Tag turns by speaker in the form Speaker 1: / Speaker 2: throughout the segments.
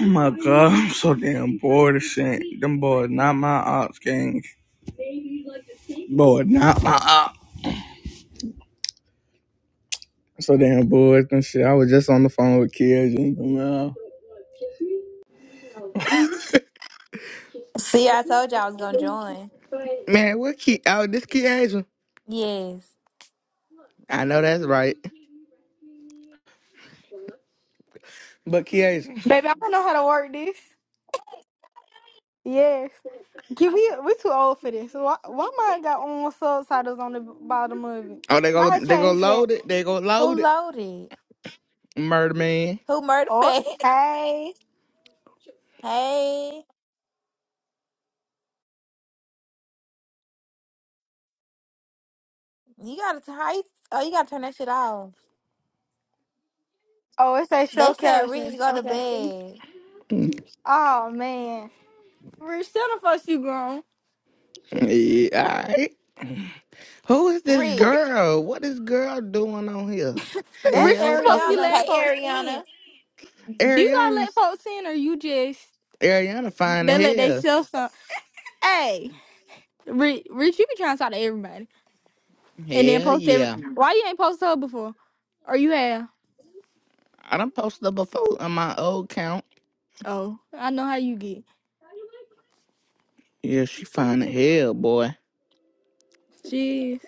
Speaker 1: Oh my god, I'm so damn bored of shit. Them boys not my ops gang. Boy, not my ops. So damn bored and shit. I was just on the phone with Kia Man,
Speaker 2: See, I told you I was gonna join.
Speaker 1: Man, what Key? Oh, this Key Asian.
Speaker 2: Yes.
Speaker 1: I know that's right. But Key
Speaker 3: Baby, I don't know how to work this. Yes. Can we we too old for this. Why why mine got on subtitles on the bottom of it?
Speaker 1: Oh, they
Speaker 3: How I
Speaker 1: gonna they gonna
Speaker 3: change that?
Speaker 1: load it. They gonna
Speaker 2: Who
Speaker 1: load it.
Speaker 2: loaded?
Speaker 1: Murder man.
Speaker 2: Who murdered
Speaker 3: Oh
Speaker 2: me?
Speaker 3: hey.
Speaker 2: hey, you gotta t- how you, oh you gotta turn that shit off.
Speaker 3: Oh, it say
Speaker 2: They
Speaker 3: show
Speaker 2: said Rich
Speaker 3: captions.
Speaker 2: go to
Speaker 3: Okay.
Speaker 2: bed.
Speaker 3: Oh man. Rich, tell the folks you grown.
Speaker 1: Yeah, all right. Who is this
Speaker 2: Rich.
Speaker 1: girl? What is girl doing on here? The
Speaker 2: That's
Speaker 3: Rich, you
Speaker 1: hell, what the
Speaker 3: supposed to be
Speaker 2: Ariana.
Speaker 3: letting
Speaker 1: fuck?
Speaker 2: Hey
Speaker 3: folks in.
Speaker 2: Ariana.
Speaker 3: Do you gotta
Speaker 1: Ariana.
Speaker 3: let folks in or you just
Speaker 1: Ariana fine the
Speaker 3: they let they
Speaker 1: hell.
Speaker 3: sell some? Hey, Rich, Rich, you be trying to talk to everybody and then
Speaker 1: Hell
Speaker 3: post every.
Speaker 1: yeah.
Speaker 3: Why you ain't post her before? Or you have?
Speaker 1: I done posted her before on my old account.
Speaker 3: Oh, I know how you get.
Speaker 1: Yeah, she fine as hell, boy.
Speaker 3: Jeez.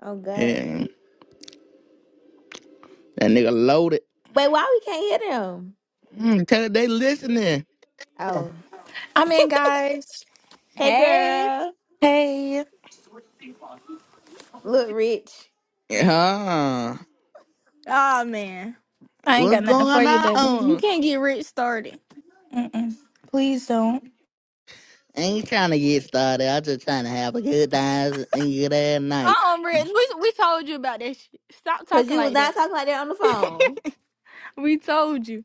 Speaker 2: Oh god.
Speaker 1: Yeah, that nigga loaded.
Speaker 2: Wait, why we can't hear them?
Speaker 1: Mm, tell her they listening.
Speaker 2: Oh.
Speaker 4: I'm in, guys.
Speaker 2: Hey
Speaker 3: Hey,
Speaker 2: girl.
Speaker 4: Hey,
Speaker 2: Look, Rich.
Speaker 1: Yeah.
Speaker 3: Oh man.
Speaker 4: I ain't
Speaker 1: What's
Speaker 4: got nothing for
Speaker 1: going
Speaker 4: you, baby.
Speaker 3: You
Speaker 1: on?
Speaker 3: can't get rich started.
Speaker 4: Mm-mm. Please don't.
Speaker 1: I Ain't trying to get started. I just trying to have a good time and good ass night.
Speaker 3: uh-uh, Rich. We we told you about that shit. Stop
Speaker 2: Cause
Speaker 3: talking
Speaker 2: you was
Speaker 3: like
Speaker 2: not
Speaker 3: that.
Speaker 2: talking like that on the phone.
Speaker 3: We told you.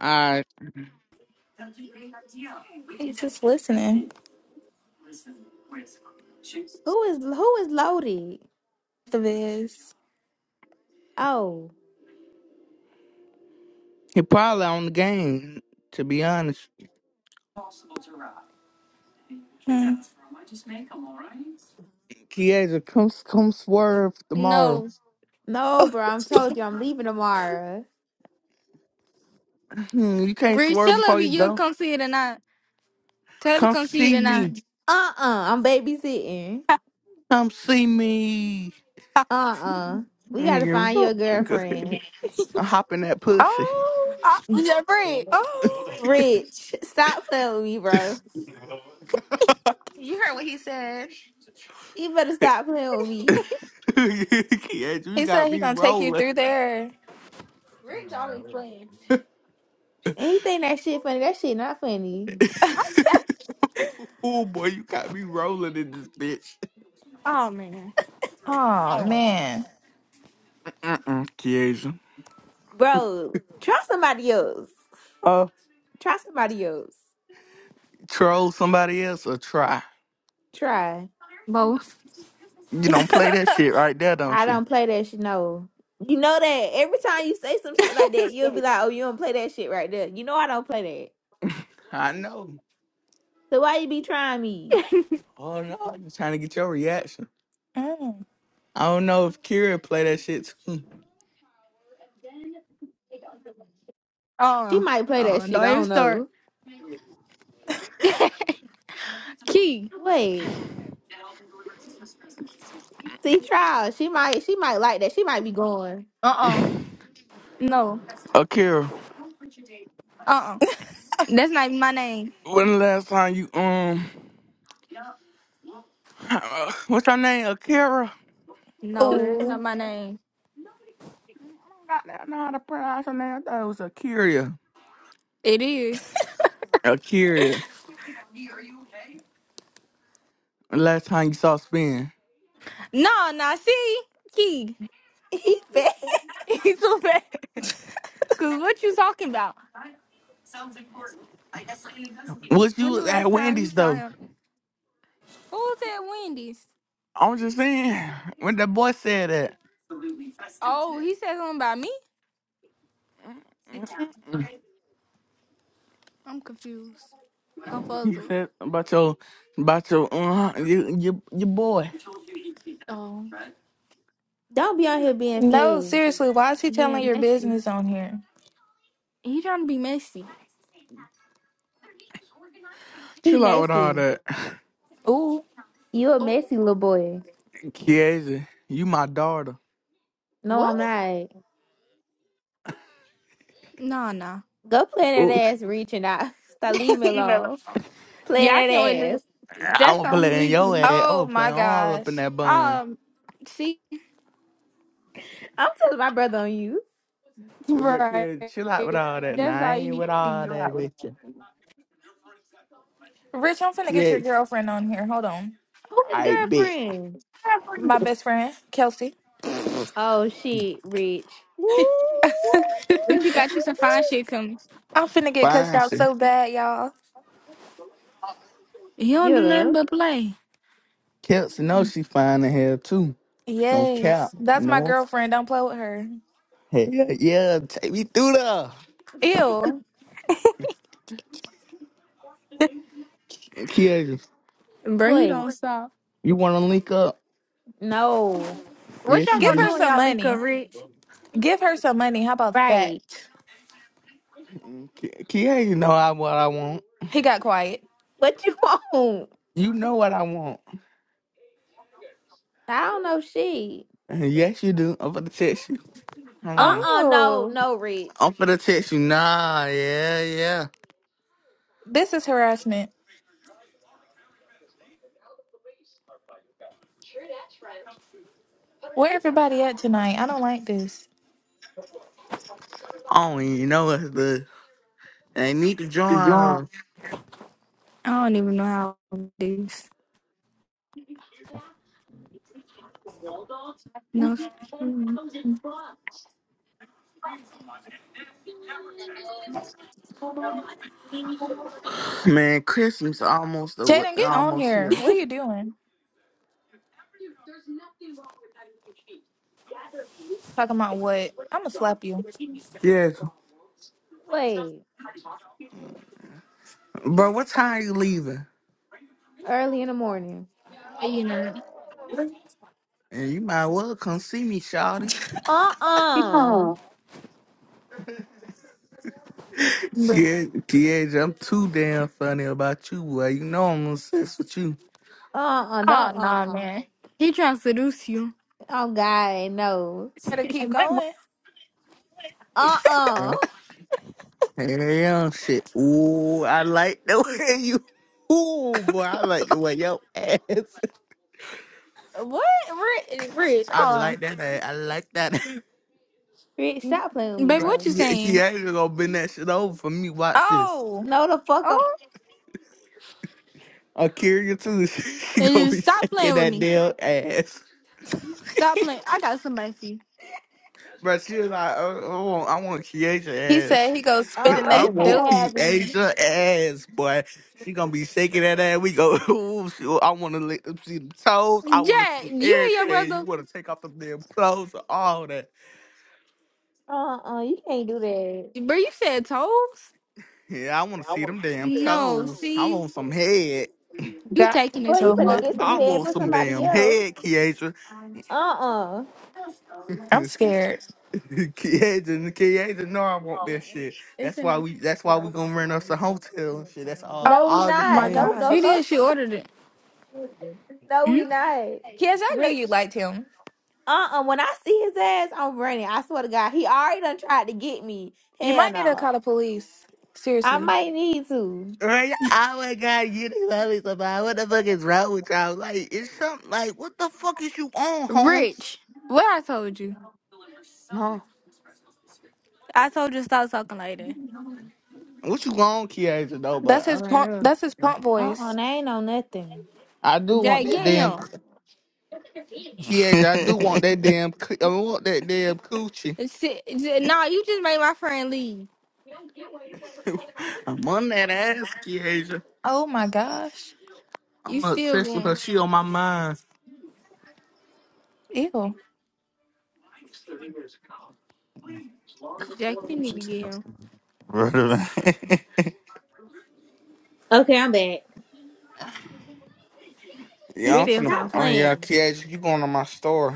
Speaker 1: Alright.
Speaker 4: He's just listening.
Speaker 2: Who is who is loaded?
Speaker 4: The viz.
Speaker 2: Oh.
Speaker 1: He probably on the game, to be honest.
Speaker 4: Hmm.
Speaker 1: Kiesha, come come swerve tomorrow.
Speaker 3: No,
Speaker 2: No, bro, I'm told you I'm leaving tomorrow.
Speaker 1: Hmm, You can't
Speaker 3: Rich,
Speaker 1: swerve
Speaker 3: tell her
Speaker 1: before you
Speaker 3: you'll
Speaker 1: go.
Speaker 3: come see it tonight. Tell her to
Speaker 1: Come
Speaker 3: come see it
Speaker 1: see
Speaker 3: tonight.
Speaker 1: me.
Speaker 2: Uh uh-uh, uh, i am babysitting.
Speaker 1: Come see me.
Speaker 2: Uh-uh. We gotta
Speaker 1: Yeah,
Speaker 2: find your
Speaker 1: we go-
Speaker 2: girlfriend.
Speaker 1: I'm hopping that pussy.
Speaker 4: Oh,
Speaker 3: Oh, Yeah, Rich.
Speaker 4: oh.
Speaker 2: Rich, stop playing with me, bro.
Speaker 4: You heard what he said.
Speaker 2: You better stop playing with me.
Speaker 1: yeah, you
Speaker 4: He said
Speaker 1: got
Speaker 4: he
Speaker 1: me
Speaker 4: gonna take you
Speaker 1: rolling.
Speaker 4: through there.
Speaker 3: Rich always playing.
Speaker 2: And he think that shit funny. That shit not funny.
Speaker 3: I, I,
Speaker 1: oh boy, you got me rolling in this bitch.
Speaker 3: oh man.
Speaker 4: Oh man.
Speaker 1: Mm-mm, Kiesha.
Speaker 2: Bro, try somebody else.
Speaker 1: Uh,
Speaker 2: Try somebody else.
Speaker 1: troll somebody else or try.
Speaker 2: Try.
Speaker 3: both.
Speaker 1: You don't play that shit right there, don't
Speaker 2: I
Speaker 1: you?
Speaker 2: don't play that shit, no. You know that every time you say some shit like that, you'll be like, oh, you don't play that shit right there. You know I don't play that.
Speaker 1: I know.
Speaker 2: So why you be trying me?
Speaker 1: Oh no, I'm just trying to get your reaction.
Speaker 4: mm.
Speaker 1: I don't know if Kira play that shit too.
Speaker 2: She
Speaker 3: Oh,
Speaker 2: might play that
Speaker 3: oh,
Speaker 2: shit.
Speaker 3: don't
Speaker 2: I
Speaker 3: even
Speaker 2: don't
Speaker 3: start.
Speaker 2: know.
Speaker 3: Key.
Speaker 2: Wait. See, trial. She might she might like that. She might be going.
Speaker 3: Uh uh No.
Speaker 1: Akira,
Speaker 3: Uh uh That's not even my name.
Speaker 1: when the last time you um, what's her name? Akira.
Speaker 3: No, that's
Speaker 4: Ooh.
Speaker 3: not my name.
Speaker 1: I don't know how to pronounce her name. I thought it was Akira.
Speaker 3: It is.
Speaker 1: Akira. Last time you saw spin.
Speaker 3: No, nah. see, Key,
Speaker 2: He
Speaker 3: he's too bad. Cause what you talking about?
Speaker 1: Was
Speaker 3: When the
Speaker 1: you at
Speaker 3: last time you
Speaker 1: Wendy's
Speaker 3: saw
Speaker 1: though?
Speaker 3: him? Who was at Wendy's?
Speaker 1: I'm just saying. When that boy said that,
Speaker 3: Oh, he said something about me.
Speaker 1: mm,
Speaker 3: I'm confused,
Speaker 1: he
Speaker 3: confuzzled.
Speaker 1: said about your, about your, uh, your, your, your boy.
Speaker 3: Oh,
Speaker 2: Don't be out here being
Speaker 3: being
Speaker 4: No,
Speaker 2: fed.
Speaker 4: seriously. Why is he telling
Speaker 3: being
Speaker 4: your
Speaker 3: messy.
Speaker 4: business on here?
Speaker 3: He trying to be messy.
Speaker 2: He
Speaker 1: Chill out with all
Speaker 2: messy.
Speaker 1: that.
Speaker 4: Ooh.
Speaker 2: You a
Speaker 3: Oh,
Speaker 2: messy little boy.
Speaker 1: Kiesha, you my daughter.
Speaker 2: No, I'm
Speaker 3: what?
Speaker 2: not.
Speaker 3: No, no.
Speaker 2: Go play in that
Speaker 1: Ooh,
Speaker 2: ass reaching out. Stop leave me alone. Playing
Speaker 3: Yeah, I can't wait.
Speaker 2: that ass.
Speaker 3: to- That's
Speaker 1: I'ma
Speaker 3: the only
Speaker 1: play in your
Speaker 3: reason.
Speaker 1: ass.
Speaker 4: Oh
Speaker 1: I'ma play
Speaker 4: my
Speaker 1: all up
Speaker 4: gosh.
Speaker 1: in that bun.
Speaker 3: Um, see,
Speaker 2: I'm telling my brother on you.
Speaker 1: But
Speaker 3: right.
Speaker 1: Kiesha, chill out with all that. Nah,
Speaker 3: That's
Speaker 1: I
Speaker 3: all you
Speaker 1: ain't
Speaker 3: need
Speaker 1: with
Speaker 3: to be
Speaker 1: all
Speaker 3: about.
Speaker 1: that with you.
Speaker 4: Rich, I'm finna get your
Speaker 1: Kiesha,
Speaker 4: girlfriend on here. Hold on.
Speaker 2: Who his
Speaker 1: I bet.
Speaker 2: girlfriend?
Speaker 4: My best friend, Kelsey.
Speaker 2: Oh shit, Rich.
Speaker 1: Woo!
Speaker 3: But
Speaker 4: I'm
Speaker 3: you got you some fine shit coming.
Speaker 4: finna get cussed
Speaker 1: Fine,
Speaker 4: out
Speaker 1: she.
Speaker 4: so bad, y'all.
Speaker 3: He don't
Speaker 2: Get
Speaker 3: do
Speaker 2: her.
Speaker 3: nothing but play.
Speaker 1: Kelsey know she fine in here too. No cap.
Speaker 4: Yes. That's my
Speaker 1: No
Speaker 4: girlfriend. Don't play with her.
Speaker 1: Hell yeah, take me through there.
Speaker 4: Ew.
Speaker 1: Kia,
Speaker 3: Bro, he
Speaker 2: Boy.
Speaker 3: don't stop.
Speaker 1: you want to link up?
Speaker 2: No.
Speaker 3: What
Speaker 1: Yes,
Speaker 3: y'all
Speaker 1: you
Speaker 4: Give
Speaker 3: gonna
Speaker 1: do.
Speaker 4: her
Speaker 3: do when
Speaker 4: some
Speaker 3: y'all leak up
Speaker 4: money.
Speaker 3: rich?
Speaker 4: Give her some money. How about that?
Speaker 2: Right.
Speaker 1: Ki- Kia, you know I, what I want.
Speaker 4: He got quiet.
Speaker 2: What you want?
Speaker 1: You know what I want.
Speaker 2: I don't know shit.
Speaker 1: Yes, you do. I'm finna text you. Hold on.
Speaker 2: Uh-uh, no,
Speaker 4: Oh,
Speaker 2: no, Rich.
Speaker 1: I'm finna text you. Nah, yeah, yeah.
Speaker 4: this is harassment. Where everybody at tonight? I don't like this.
Speaker 1: I don't even know what's the. They need to join us.
Speaker 3: I don't even know how to do this. No, You
Speaker 1: Man, Christmas almost awa-
Speaker 4: Jaden, get on
Speaker 1: almost
Speaker 4: here.
Speaker 1: here.
Speaker 4: What are you doing? Talking about what? I'ma slap you.
Speaker 1: Yes.
Speaker 2: Wait.
Speaker 1: Bro, what time you leaving?
Speaker 2: Early in the morning.
Speaker 3: know.
Speaker 1: And you might well come see me, Shawty.
Speaker 2: Uh-uh.
Speaker 3: bro.
Speaker 1: Yeah, TH, I'm too damn funny about you, boy. You know I'm obsessed with you.
Speaker 2: Uh-uh. Don't
Speaker 3: Oh nah,
Speaker 2: uh-uh.
Speaker 3: man. He trying to seduce you.
Speaker 2: Oh God, no.
Speaker 4: Better keep going.
Speaker 2: Uh uh
Speaker 1: Mm. Hell shit. Ooh, I like the way you. Ooh, boy, I like the way your ass.
Speaker 3: What rich? Rich?
Speaker 1: I
Speaker 3: Oh,
Speaker 1: like that ass. I like that.
Speaker 2: Rick, stop playing with me,
Speaker 3: Baby, what
Speaker 2: bro.
Speaker 3: you
Speaker 1: Yeah,
Speaker 3: saying?
Speaker 1: Kiara gonna bend that shit over for me. Watch this.
Speaker 4: Oh,
Speaker 2: No the fuck up.
Speaker 3: oh.
Speaker 1: I'm curious too. She
Speaker 3: And
Speaker 1: gonna
Speaker 3: then
Speaker 1: be
Speaker 3: Stop
Speaker 1: shaking
Speaker 3: playing with
Speaker 1: that
Speaker 3: me.
Speaker 1: damn ass.
Speaker 3: Stop playing. I got somebody for you.
Speaker 1: But she was like, oh, I want, I want
Speaker 4: he
Speaker 1: Keisha ass.
Speaker 4: said he goes
Speaker 2: Uh
Speaker 4: spitting
Speaker 2: uh
Speaker 1: I
Speaker 2: you
Speaker 4: that
Speaker 1: want
Speaker 2: can't
Speaker 4: dude.
Speaker 2: have me.
Speaker 1: Keisha ass, boy. She gonna be shaking that ass. We go, ooh, she, I want to see them toes. I want to
Speaker 3: Jack,
Speaker 1: see
Speaker 3: do you hear your
Speaker 1: everything. You
Speaker 3: brother?
Speaker 1: want to take off them damn clothes and all that.
Speaker 2: Uh uh you can't do that.
Speaker 3: Bro, you said toes.
Speaker 1: Yeah, I want to see them damn
Speaker 3: No,
Speaker 1: toes. I want
Speaker 3: see,
Speaker 1: some head.
Speaker 3: you
Speaker 4: Got
Speaker 3: taking
Speaker 2: Boy,
Speaker 3: it too
Speaker 2: you
Speaker 4: so
Speaker 2: better
Speaker 3: far.
Speaker 2: get
Speaker 4: mad.
Speaker 1: I
Speaker 2: some head
Speaker 1: want
Speaker 2: for
Speaker 1: some
Speaker 2: somebody
Speaker 1: damn
Speaker 2: else.
Speaker 1: head, Keisha.
Speaker 2: Uh uh
Speaker 4: I'm scared.
Speaker 1: Keisha, Keisha, no, I want that shit.
Speaker 3: It's
Speaker 1: That's why
Speaker 3: enough.
Speaker 1: we. That's why we gonna rent us a hotel and shit. That's all.
Speaker 2: No, we
Speaker 4: Oh
Speaker 1: All
Speaker 4: my
Speaker 2: not.
Speaker 1: Everything.
Speaker 2: No, no,
Speaker 3: She
Speaker 4: gosh.
Speaker 2: no,
Speaker 3: did. She ordered it.
Speaker 2: no, we not.
Speaker 4: Yes, I knew
Speaker 2: Rich,
Speaker 4: you liked him.
Speaker 2: uh uh When I see his ass, I'm running. I swear to God, he already done tried to get me.
Speaker 4: You
Speaker 2: Hell
Speaker 4: might need to
Speaker 2: no.
Speaker 4: call the police.
Speaker 2: I
Speaker 4: Seriously.
Speaker 2: might need to.
Speaker 1: Right? I would got you to tell me somebody. What the fuck is wrong with y'all? Like, it's something like, what the fuck is you on, Holmes?
Speaker 3: Rich, what I told you?
Speaker 1: No,
Speaker 3: I told you to stop talking like that.
Speaker 1: What you on, Kiesha, though?
Speaker 4: That's
Speaker 1: But I
Speaker 4: his
Speaker 1: don't
Speaker 4: punk that's his
Speaker 1: know.
Speaker 4: punk
Speaker 2: Uh uh,
Speaker 4: voice.
Speaker 2: that ain't no nothing.
Speaker 1: I do want
Speaker 3: Jack,
Speaker 1: that
Speaker 3: get
Speaker 1: damn
Speaker 3: him.
Speaker 1: c- Kiesha. I do want that damn. coo- I want that damn coochie.
Speaker 3: Sit, j- nah, you just made my friend leave.
Speaker 1: I'm on that ass, Kiesha.
Speaker 4: Oh my gosh.
Speaker 3: You
Speaker 1: I'm
Speaker 3: still
Speaker 1: obsessed with her.
Speaker 3: going.
Speaker 1: She on my mind.
Speaker 4: Ew.
Speaker 3: Jack, you need to get him.
Speaker 5: Brother, man.
Speaker 2: Okay, I'm back.
Speaker 3: He's
Speaker 1: Yeah, I'm
Speaker 2: Rich,
Speaker 3: still
Speaker 1: finna.
Speaker 2: stop
Speaker 1: Oh
Speaker 3: talking.
Speaker 1: yeah,
Speaker 2: playing.
Speaker 1: Kiesha, you going to my store?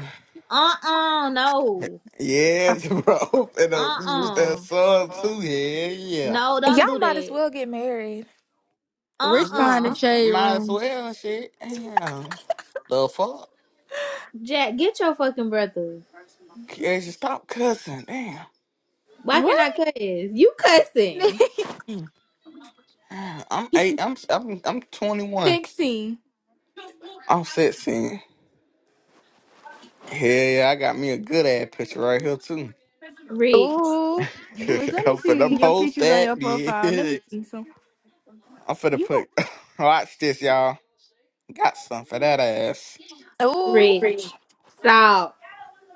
Speaker 2: Uh-uh, no.
Speaker 1: Yes, bro. And uh, we was that
Speaker 2: Uh-uh.
Speaker 1: son too. Yeah, yeah.
Speaker 2: No,
Speaker 4: Y'all
Speaker 2: don't do
Speaker 4: might as
Speaker 2: that.
Speaker 4: well get married.
Speaker 1: I
Speaker 3: Rich
Speaker 1: get
Speaker 3: behind the
Speaker 2: Uh-uh.
Speaker 3: shade
Speaker 1: might as
Speaker 3: room.
Speaker 1: well shit. Damn. The fuck?
Speaker 2: Jack, get your fucking brother.
Speaker 1: Yeah, just stop cussing. Damn.
Speaker 2: Why can't
Speaker 3: What?
Speaker 2: I cuss? You cussing.
Speaker 1: Hmm. I'm eight. I'm I'm I'm 21.
Speaker 3: 16.
Speaker 1: I'm 16. Hell yeah, I got me a good ass picture right here too.
Speaker 2: Rich.
Speaker 4: Ooh.
Speaker 1: I'm
Speaker 3: Rich, let me see
Speaker 1: finna
Speaker 3: your
Speaker 1: post
Speaker 3: pictures on
Speaker 1: that.
Speaker 3: your profile. Let me
Speaker 1: Yeah.
Speaker 3: see some.
Speaker 1: I'm finna
Speaker 3: You,
Speaker 1: put. Watch this, y'all. Got some for that ass.
Speaker 4: Ooh.
Speaker 3: Rich,
Speaker 2: Rich. Stop.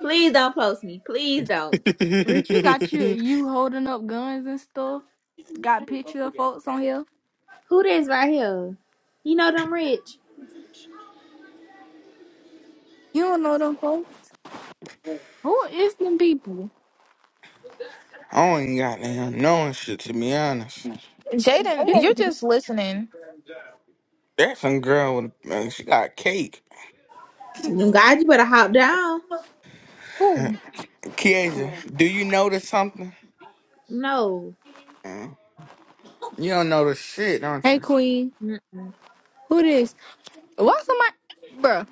Speaker 2: Please don't post me. Please don't.
Speaker 3: Rich you got you, you holding up guns and stuff. Got pictures of folks on here.
Speaker 2: Who this right here? You know them rich.
Speaker 3: You don't know them folks. Who is them people?
Speaker 1: I don't even got damn knowing shit to be honest.
Speaker 4: Jaden,
Speaker 3: This-
Speaker 4: you're just listening.
Speaker 1: That's some girl with a, man, she got cake.
Speaker 2: God, you better hop down.
Speaker 3: Who?
Speaker 1: Kieja, do you notice something?
Speaker 2: No.
Speaker 1: Mm. You don't notice shit, don't
Speaker 3: Hey,
Speaker 1: you?
Speaker 3: Queen.
Speaker 2: Mm.
Speaker 3: Who this? Why somebody, bruh?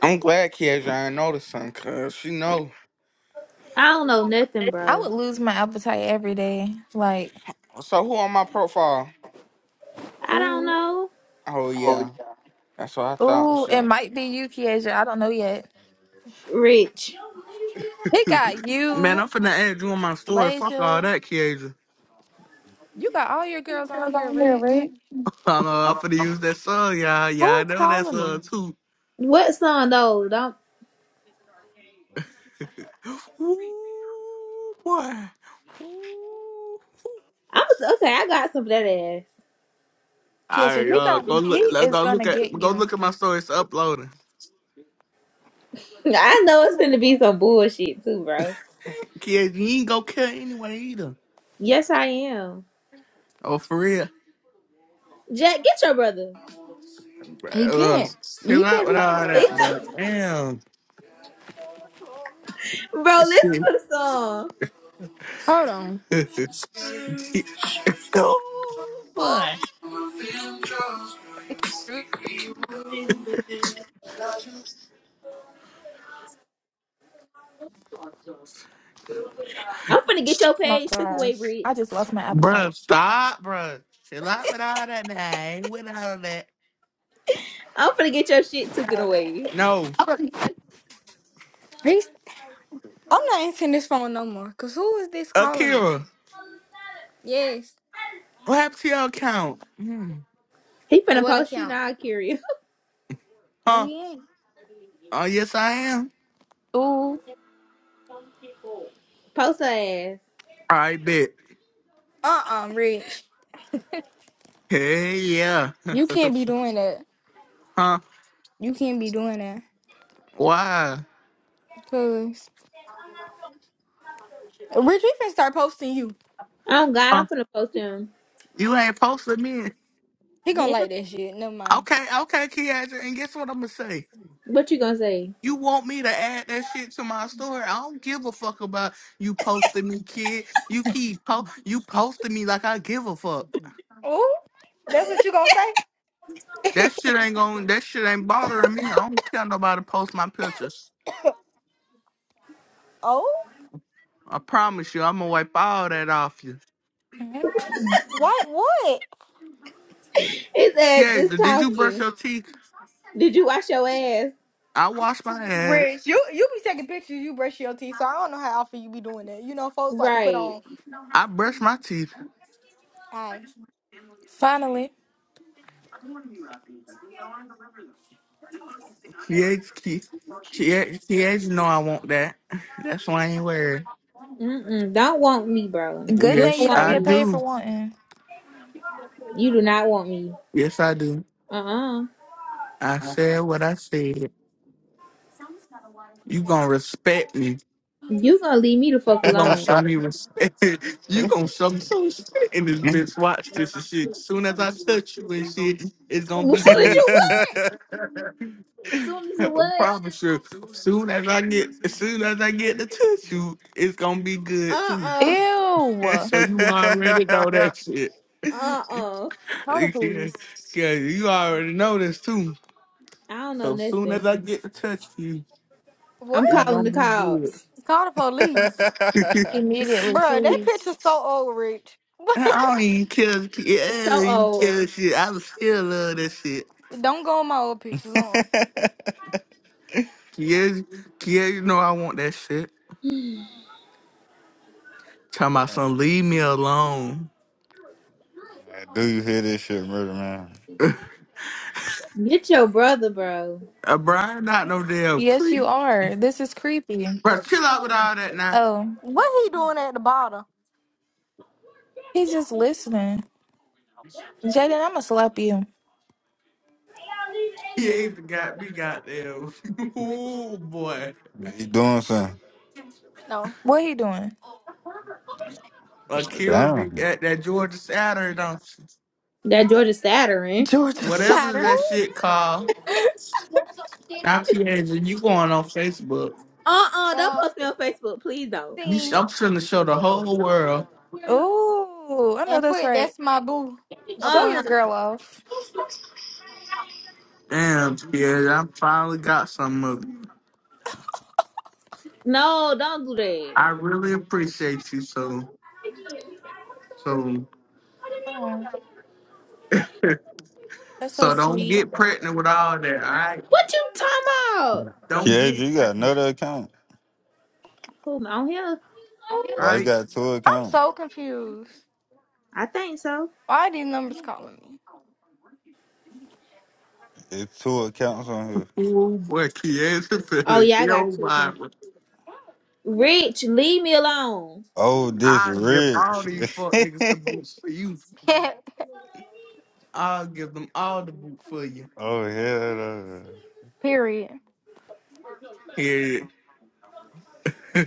Speaker 1: I'm glad Kieja ain't noticed something, cause she know.
Speaker 2: I don't know nothing,
Speaker 4: I
Speaker 2: bro.
Speaker 4: would lose my appetite every day. Like,
Speaker 1: So who on my profile?
Speaker 2: I don't
Speaker 4: ooh.
Speaker 2: know.
Speaker 1: Oh yeah, that's what I thought.
Speaker 4: Ooh, it
Speaker 1: Shit.
Speaker 4: might be you, Kiesia. I don't know yet.
Speaker 2: Rich.
Speaker 4: He got
Speaker 1: Man,
Speaker 4: you,
Speaker 1: I'm finna add you on my story. Fuck all
Speaker 4: Leisure.
Speaker 1: that, Kieja.
Speaker 4: You got all your
Speaker 3: You
Speaker 4: girls on
Speaker 3: girls
Speaker 4: here,
Speaker 3: on here,
Speaker 4: Rich.
Speaker 3: right?
Speaker 1: I know I'm finna use that song, y'all. Y'all
Speaker 3: Who
Speaker 1: I
Speaker 3: is
Speaker 1: know that
Speaker 3: calling
Speaker 1: song
Speaker 3: me?
Speaker 1: too.
Speaker 2: What song though? Don't
Speaker 1: Ooh, boy. Ooh.
Speaker 2: I'm okay, I got some of that ass.
Speaker 1: All
Speaker 4: Kisha,
Speaker 1: right,
Speaker 4: he
Speaker 1: y'all. Go
Speaker 4: don't.
Speaker 1: look.
Speaker 4: he is
Speaker 1: Go
Speaker 4: gonna
Speaker 1: look at.
Speaker 4: get
Speaker 1: Go
Speaker 4: you.
Speaker 1: look at my story. It's uploading.
Speaker 2: I know it's gonna be some bullshit too, bro.
Speaker 1: Kieja, you ain't go care anyway either.
Speaker 2: Yes, I am.
Speaker 1: Oh, for real?
Speaker 2: Jack, get your brother.
Speaker 1: Bro,
Speaker 3: He
Speaker 1: ugh,
Speaker 3: can't.
Speaker 1: chill
Speaker 3: He
Speaker 1: out
Speaker 3: can't be.
Speaker 1: with all that, bro. Damn.
Speaker 2: bro, listen
Speaker 1: This
Speaker 2: to
Speaker 1: shit.
Speaker 2: the song.
Speaker 3: Hold on.
Speaker 1: oh, boy.
Speaker 4: Oh
Speaker 2: I'm finna get your
Speaker 4: my
Speaker 2: page took away,
Speaker 4: gosh. I
Speaker 2: Rich.
Speaker 4: just lost my
Speaker 1: Bro,
Speaker 4: appetite.
Speaker 1: stop, bro. Chill out with all that, man. With all that.
Speaker 2: I'm finna get your shit taken away.
Speaker 1: No.
Speaker 3: Bruh, He's. I'm not answering this phone no more. Cause who is this calling me?
Speaker 1: Akira,
Speaker 3: Yes.
Speaker 1: what happened to your account? Hmm.
Speaker 2: He finna
Speaker 3: What
Speaker 2: post you
Speaker 3: account?
Speaker 2: now, Curia.
Speaker 3: No,
Speaker 1: Huh?
Speaker 3: he ain't.
Speaker 1: Oh, yes, I am.
Speaker 4: Ooh.
Speaker 2: Post her ass.
Speaker 1: I bet.
Speaker 3: Uh, uh Rich.
Speaker 1: Hey, yeah.
Speaker 3: You can't be doing that.
Speaker 1: huh?
Speaker 3: You can't be doing that.
Speaker 1: Why?
Speaker 3: Cause Rich, we finna start posting you.
Speaker 2: Oh God,
Speaker 1: Huh?
Speaker 2: I'm finna post him.
Speaker 1: You ain't posted me.
Speaker 3: He gonna
Speaker 2: Him?
Speaker 3: like that shit. Never mind.
Speaker 1: Okay, okay, Keandra. And guess what I'm going to say?
Speaker 2: What you gonna say?
Speaker 1: You want me to add that shit to my story? I don't give a fuck about you posting me, kid. You keep po- you posting me like I give a fuck.
Speaker 3: Oh, that's what you gonna say?
Speaker 1: That shit ain't going. That shit ain't bothering me. I don't tell nobody to post my pictures.
Speaker 3: Oh,
Speaker 1: I promise you, I'm gonna wipe all that off you.
Speaker 4: Mm.
Speaker 3: why? What?
Speaker 2: His ass
Speaker 1: Yeah,
Speaker 2: just
Speaker 1: d- did you brush
Speaker 2: talking.
Speaker 1: your teeth?
Speaker 2: Did you wash your ass?
Speaker 1: I wash my ass.
Speaker 3: Rich, you you be taking pictures, you brush your teeth, so I don't know how often you be doing that. You know, folks like to put
Speaker 2: Right.
Speaker 3: on.
Speaker 1: I brush my teeth.
Speaker 3: I
Speaker 4: Finally.
Speaker 1: Kids, kids, kids know I want that. That's why I ain't wearing. it.
Speaker 2: Mm-mm. Don't want me, bro.
Speaker 4: Good
Speaker 2: You
Speaker 4: thing
Speaker 1: Yes,
Speaker 4: you
Speaker 2: don't
Speaker 4: don't
Speaker 2: want
Speaker 1: I
Speaker 4: get
Speaker 2: me.
Speaker 4: paid for
Speaker 1: do.
Speaker 4: wanting.
Speaker 2: You do not want me.
Speaker 1: Yes, I do.
Speaker 2: Uh-uh.
Speaker 1: I said what I said. You gonna respect me.
Speaker 2: You gonna leave me the fuck
Speaker 1: You gonna
Speaker 2: alone.
Speaker 1: show me respect. you gonna show me some respect in this bitch. Watch this and shit. Soon as I touch you and shit, it's gonna
Speaker 2: Soon
Speaker 1: be
Speaker 2: as
Speaker 1: good
Speaker 2: you what?
Speaker 1: too.
Speaker 2: Soon as you
Speaker 1: I
Speaker 2: what?
Speaker 1: promise you. Soon as I get, as soon as I get to touch you, it's gonna be good
Speaker 2: Uh
Speaker 1: too.
Speaker 2: uh
Speaker 5: Do
Speaker 4: Ew.
Speaker 1: So you already know that shit.
Speaker 2: uh uh.
Speaker 4: Call the
Speaker 1: yeah,
Speaker 4: police.
Speaker 1: yeah, you already know this too.
Speaker 2: I don't know
Speaker 1: So soon as
Speaker 2: nothing.
Speaker 1: I get to touch you,
Speaker 3: what?
Speaker 2: I'm
Speaker 1: it's gonna
Speaker 2: calling the
Speaker 1: be
Speaker 2: cops.
Speaker 3: Call the police,
Speaker 1: good.
Speaker 4: Immediately,
Speaker 3: Bruh, That
Speaker 4: please.
Speaker 3: picture's so old, Rich.
Speaker 1: I don't even care. Yeah, I don't
Speaker 2: So
Speaker 1: even care
Speaker 2: old.
Speaker 1: shit. I was still love that shit.
Speaker 3: don't go on my old pictures. Uh-uh.
Speaker 1: Yeah, yeah, you know I want that shit. Talking about some leave me alone.
Speaker 5: you hear this shit, murder man?
Speaker 2: Get your brother, bro.
Speaker 1: Uh, Brian not no damn
Speaker 4: Yes, you
Speaker 1: creep.
Speaker 4: are. This is creepy.
Speaker 1: Bro, chill out with all that now.
Speaker 4: Oh,
Speaker 3: What he doing at the bottom?
Speaker 4: he's just listening. Jaden, I'ma slap you.
Speaker 1: He ain't got me goddamn. oh boy.
Speaker 5: You doing something?
Speaker 3: No.
Speaker 4: What he doing?
Speaker 1: Akira be
Speaker 5: Damn.
Speaker 1: at that Georgia Saturday, don't you?
Speaker 2: That Georgia Saturn.
Speaker 4: Georgia
Speaker 1: Whatever
Speaker 4: Saturn.
Speaker 3: Who?
Speaker 1: that shit called. Now Tierja, you going on Facebook.
Speaker 2: Uh uh. Don't
Speaker 3: Uh,
Speaker 2: post me on Facebook, please don't.
Speaker 1: You, sh-
Speaker 3: sing
Speaker 1: I'm trying to show the whole world.
Speaker 4: Ooh, I know
Speaker 3: and
Speaker 4: that's
Speaker 3: put
Speaker 4: right.
Speaker 3: that's my boo up
Speaker 4: Show
Speaker 2: Uh
Speaker 4: your
Speaker 2: uh.
Speaker 3: under.
Speaker 4: girl off.
Speaker 1: Damn, Tierja, I finally got some of it.
Speaker 2: No, don't do that.
Speaker 1: I really appreciate you so so
Speaker 4: Oh, that's so
Speaker 1: so don't
Speaker 4: sweet.
Speaker 1: get pregnant with all that, all right?
Speaker 2: What you talking about?
Speaker 1: Don't
Speaker 5: Yeah,
Speaker 1: get
Speaker 5: you got
Speaker 1: pregnant.
Speaker 5: another account.
Speaker 2: Who am i on here?
Speaker 1: All
Speaker 5: Why
Speaker 3: I'm
Speaker 5: you
Speaker 1: right,
Speaker 5: got two accounts?
Speaker 3: so confused.
Speaker 2: I think so.
Speaker 3: Why are these numbers calling
Speaker 5: It's two accounts on here.
Speaker 1: fool, boy, Kiesa
Speaker 2: Oh
Speaker 1: finna
Speaker 2: yeah, I got
Speaker 1: kill
Speaker 2: two
Speaker 1: my.
Speaker 2: accounts. Rich, leave me alone.
Speaker 5: Oh, this
Speaker 1: I give all
Speaker 5: rich.
Speaker 1: these fuck niggas the boots for you.
Speaker 3: me?
Speaker 1: I'll give them all the boot for you.
Speaker 5: oh, hell no.
Speaker 3: Period.
Speaker 1: Yeah.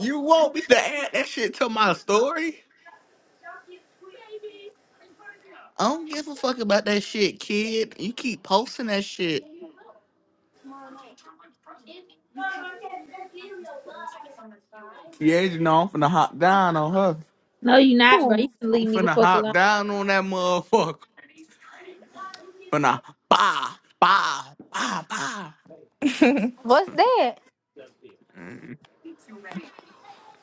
Speaker 1: you want me to add that shit to my story? I don't give a fuck about that shit, kid. You keep posting that shit. Yeah, you know I'm finna hop down on her.
Speaker 2: No, you not, bro. You
Speaker 4: Ooh.
Speaker 2: can
Speaker 1: I'm
Speaker 2: leave me the
Speaker 1: finna
Speaker 2: fuck
Speaker 1: hop
Speaker 2: alone.
Speaker 1: down on that motherfucker. Finna bah, bah, bah, bah.
Speaker 3: What's that?
Speaker 1: Mm.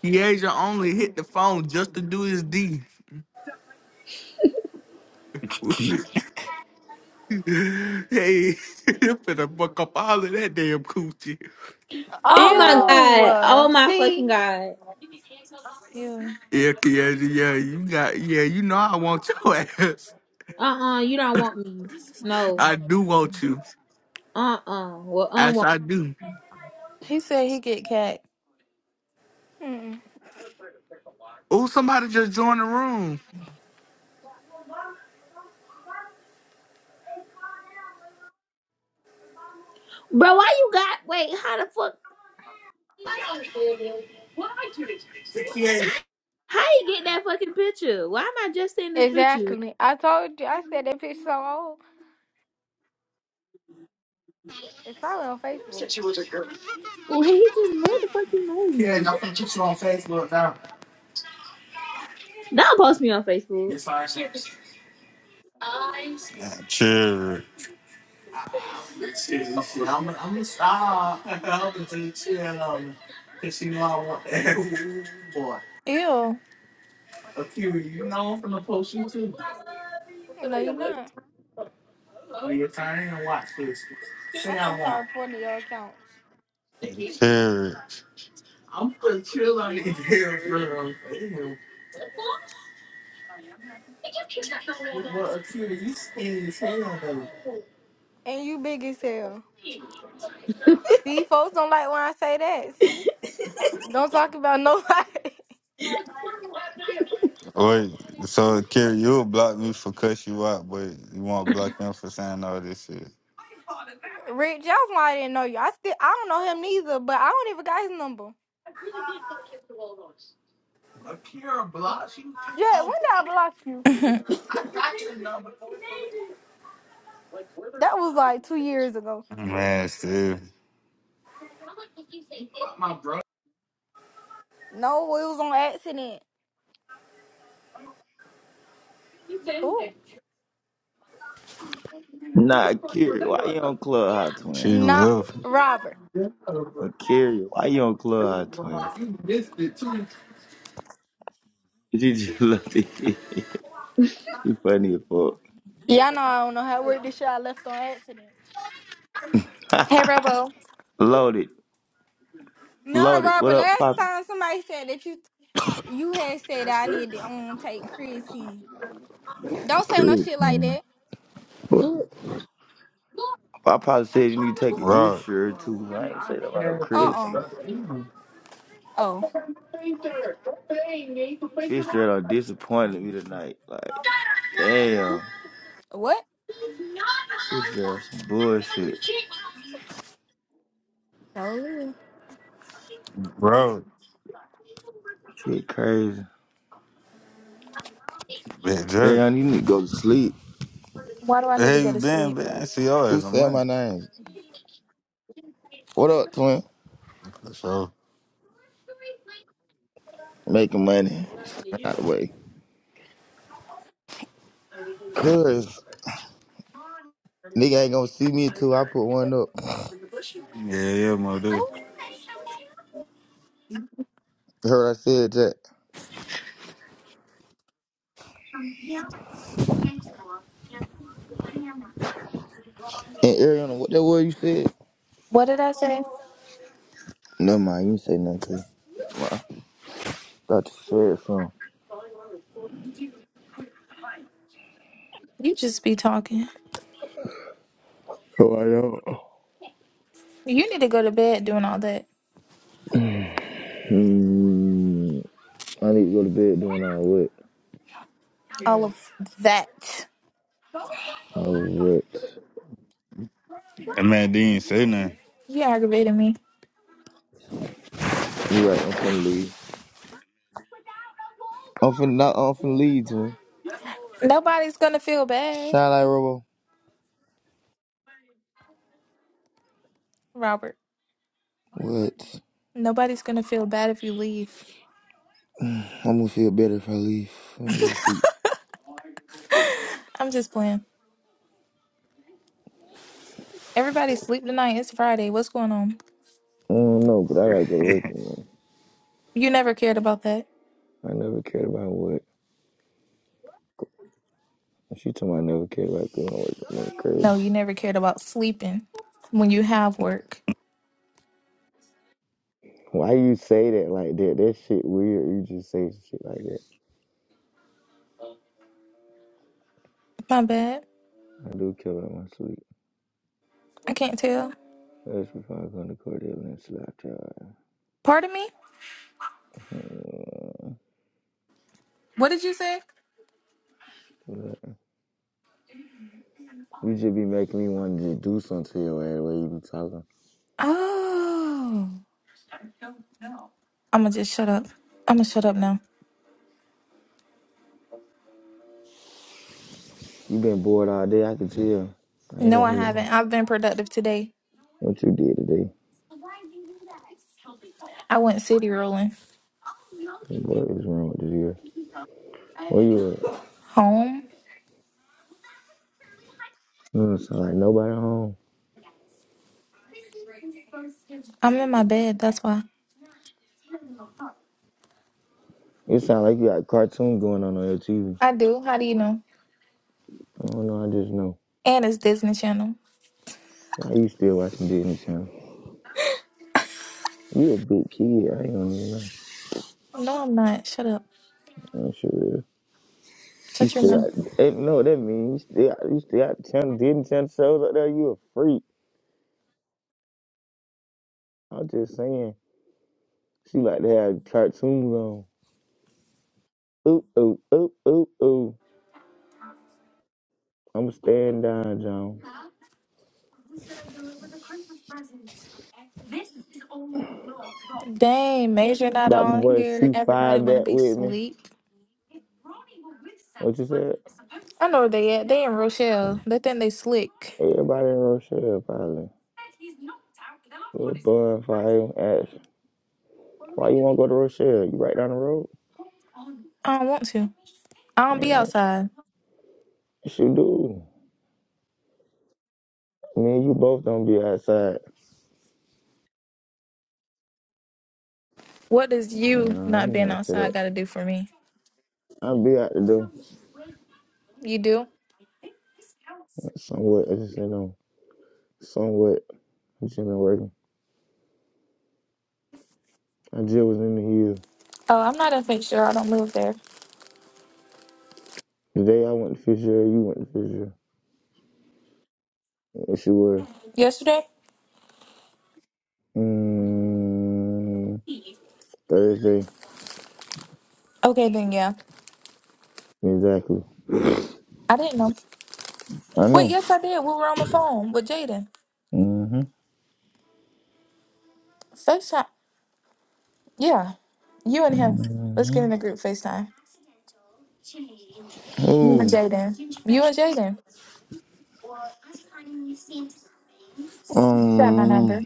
Speaker 1: Kiesha only hit the phone just to do his D. hey, you finna fuck up all of that damn coochie.
Speaker 3: Oh
Speaker 2: Oh my
Speaker 3: no.
Speaker 4: Ew.
Speaker 2: god.
Speaker 4: uh,
Speaker 2: Oh my
Speaker 3: See.
Speaker 2: fucking god.
Speaker 4: Ew.
Speaker 1: Yeah, Kiesha, yeah, you got, yeah, you know I want your ass.
Speaker 2: Uh-uh, you don't want me. No.
Speaker 1: I do want you.
Speaker 2: Uh-uh. Well,
Speaker 1: ass,
Speaker 2: unwanted.
Speaker 1: I do.
Speaker 4: He said he get cat.
Speaker 3: Mm-mm.
Speaker 1: Oh, somebody just joined the room.
Speaker 2: Bro, why you got... Wait, how the fuck... How you get that fucking picture? Why am I just seeing this picture?
Speaker 3: Exactly. I told you. I said that picture so old. It's probably on Facebook.
Speaker 2: Wait, this motherfucking made me. Don't post me on Facebook.
Speaker 5: Chill, rich.
Speaker 4: Ew.
Speaker 3: No, you're not. I'm finna start reporting your accounts.
Speaker 5: Chill, rich.
Speaker 3: And you big as hell. See, folks don't like when I say that. See, don't talk about nobody.
Speaker 5: Wait, so Kerry, you'll block me for cuss you out, but you won't block him for saying all this shit.
Speaker 3: Rick Jones, why I didn't know you. I still, I don't know him neither, but I don't even got his number. Yeah, when did I block you?
Speaker 4: hey,
Speaker 3: That was like two years ago.
Speaker 5: Man, still,
Speaker 3: No, it was on accident. Ooh,
Speaker 6: Nah, Kiri, why you on Club Hot
Speaker 5: she
Speaker 6: Twin?
Speaker 3: not
Speaker 5: left.
Speaker 3: Robert.
Speaker 6: Or Kiri, why you on Club Hot Twin? She just looked at me. She funny as fuck.
Speaker 3: Yeah, I know. I don't know how to work this shit. I left on accident.
Speaker 4: Robo.
Speaker 6: Loaded.
Speaker 3: No,
Speaker 6: Loaded. What
Speaker 3: Robert.
Speaker 6: up,
Speaker 3: Last
Speaker 6: Pop?
Speaker 3: time somebody said that you you had said I need to um take creatine. Don't say no shit like
Speaker 6: Creatine.
Speaker 3: that.
Speaker 6: What? I probably said you need to take an ear
Speaker 5: bro,
Speaker 6: shirt too. I ain't say that about no
Speaker 3: Uh
Speaker 6: creatine.
Speaker 3: uh
Speaker 6: team.
Speaker 3: Oh.
Speaker 6: Fisher done disappointed me tonight. Like, damn.
Speaker 3: What?
Speaker 6: Fisher shirt some bullshit.
Speaker 3: Oh.
Speaker 5: bro,
Speaker 6: Shit crazy.
Speaker 5: big jerk.
Speaker 6: Everyone, you need to go to sleep.
Speaker 4: Why do
Speaker 5: Where
Speaker 4: I
Speaker 5: the
Speaker 4: need to
Speaker 5: hell
Speaker 4: go
Speaker 5: you
Speaker 4: to
Speaker 5: been,
Speaker 4: sleep?
Speaker 5: man? I ain't see y'all
Speaker 6: Who
Speaker 5: as a
Speaker 6: said my
Speaker 5: man.
Speaker 6: name? What up, twin?
Speaker 5: For sure.
Speaker 6: Making money. Out the way. Good. Nigga ain't gonna see me until I put one up.
Speaker 5: Yeah, yeah, my dude.
Speaker 6: Heard I said that. And Ariana, what that word you said?
Speaker 4: What did I say?
Speaker 6: Never mind, you didn't say nothing. To Got to share it from.
Speaker 4: You just be talking.
Speaker 6: Oh, I know.
Speaker 4: You need to go to bed doing all that.
Speaker 6: Hmm. I need to go to bed doing all what?
Speaker 4: All of that.
Speaker 6: All what?
Speaker 5: That man didn't say nothing.
Speaker 4: You aggravating me.
Speaker 6: You right, I'm finna leave. I'm finna not. I'm finna leave, twin.
Speaker 4: Nobody's gonna feel bad,
Speaker 6: Shine like Robo.
Speaker 4: Robert.
Speaker 6: What?
Speaker 4: Nobody's gonna feel bad if you leave.
Speaker 6: Mm, I'm gonna feel better if I leave. I'm gonna go to sleep.
Speaker 4: I'm just playing. Everybody sleep tonight. It's Friday. What's going on?
Speaker 6: I don't know, but I gotta go to work in the morning.
Speaker 4: You never cared about that.
Speaker 6: I never cared about what. She told me I never cared about going to work in the morning. Crazy.
Speaker 4: No, you never cared about sleeping when you have work.
Speaker 6: Why you say that like that? That shit weird. You just say some shit like that.
Speaker 4: My bad.
Speaker 6: I do kill in my sleep.
Speaker 4: I can't tell.
Speaker 6: That's before I go to Cordell and Slapjaw.
Speaker 4: Pardon me? What did you say?
Speaker 6: You just be making me want to just do something to your ass the way you be talking.
Speaker 4: Oh. I'ma just shut up. I'ma shut up now.
Speaker 6: You been bored all day. I can tell. I ain't
Speaker 4: No,
Speaker 6: gonna
Speaker 4: I
Speaker 6: lie.
Speaker 4: haven't. I've been productive today.
Speaker 6: What you did today?
Speaker 4: I went city rolling.
Speaker 6: What is wrong with this here? Where you at?
Speaker 4: Home?
Speaker 6: You don't sound like nobody home.
Speaker 4: I'm in my bed, that's why.
Speaker 6: It sound like you got a cartoon going on on your TV.
Speaker 4: I do. How do you know?
Speaker 6: I don't know. I just know.
Speaker 4: And it's Disney Channel.
Speaker 6: Why you still watching Disney Channel? You a big kid. I ain't gonna lie.
Speaker 4: No, I'm not. Shut up.
Speaker 6: I'm sure. You
Speaker 4: Shut your
Speaker 6: still
Speaker 4: mouth.
Speaker 6: got, ain't know what that means. You still got, you still got 10, didn't 10 shows up there. You a freak. I'm just saying. She like to have cartoons on. Ooh ooh ooh ooh ooh. I'm staying down, John.
Speaker 4: Dang, Major not
Speaker 6: Got my
Speaker 4: on
Speaker 6: boy
Speaker 4: here. Everybody
Speaker 6: C5
Speaker 4: wanna
Speaker 6: back
Speaker 4: be
Speaker 6: with me.
Speaker 4: asleep.
Speaker 6: What you said?
Speaker 4: I know where they at. They in Rochelle. They think they slick.
Speaker 6: Everybody in Rochelle, probably. Little bonfire action. Why you want to go to Rochelle? You right down the road?
Speaker 4: I don't want to. I don't be
Speaker 6: Man,
Speaker 4: outside.
Speaker 6: yes, you do. Me and you both don't be outside.
Speaker 4: What does you
Speaker 6: Nah,
Speaker 4: not
Speaker 6: you
Speaker 4: being
Speaker 6: got to
Speaker 4: outside
Speaker 6: that.
Speaker 4: got to do for me?
Speaker 6: I'll be out to do.
Speaker 4: You do?
Speaker 6: Somewhat, I just said no. somewhat. I just been working. I just was in the hill.
Speaker 4: Oh, I'm not gonna make sure I don't live there.
Speaker 6: The day I went to Fisher, you went to Fisher. Yes, you were.
Speaker 4: Yesterday?
Speaker 6: Mm, Thursday,
Speaker 4: Okay, then yeah.
Speaker 6: exactly.
Speaker 4: I didn't know.
Speaker 6: I
Speaker 4: Wait,
Speaker 6: know.
Speaker 4: yes, I did. We were on the phone with Jaden.
Speaker 6: hmm
Speaker 4: FaceTime. Yeah. You and him. Let's
Speaker 6: hmm
Speaker 4: get in the group FaceTime. You and
Speaker 6: Oh,
Speaker 4: Jaden. You and Jaden. You got my
Speaker 6: um,
Speaker 4: number.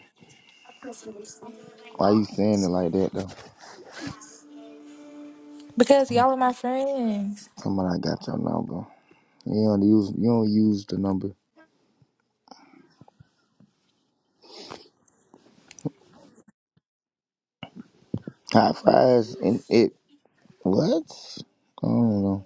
Speaker 6: why you saying it like that though?
Speaker 4: Because y'all are my friends.
Speaker 6: Somebody got your number. You don't use. You don't use the number. Hot fries and it. What? I don't know.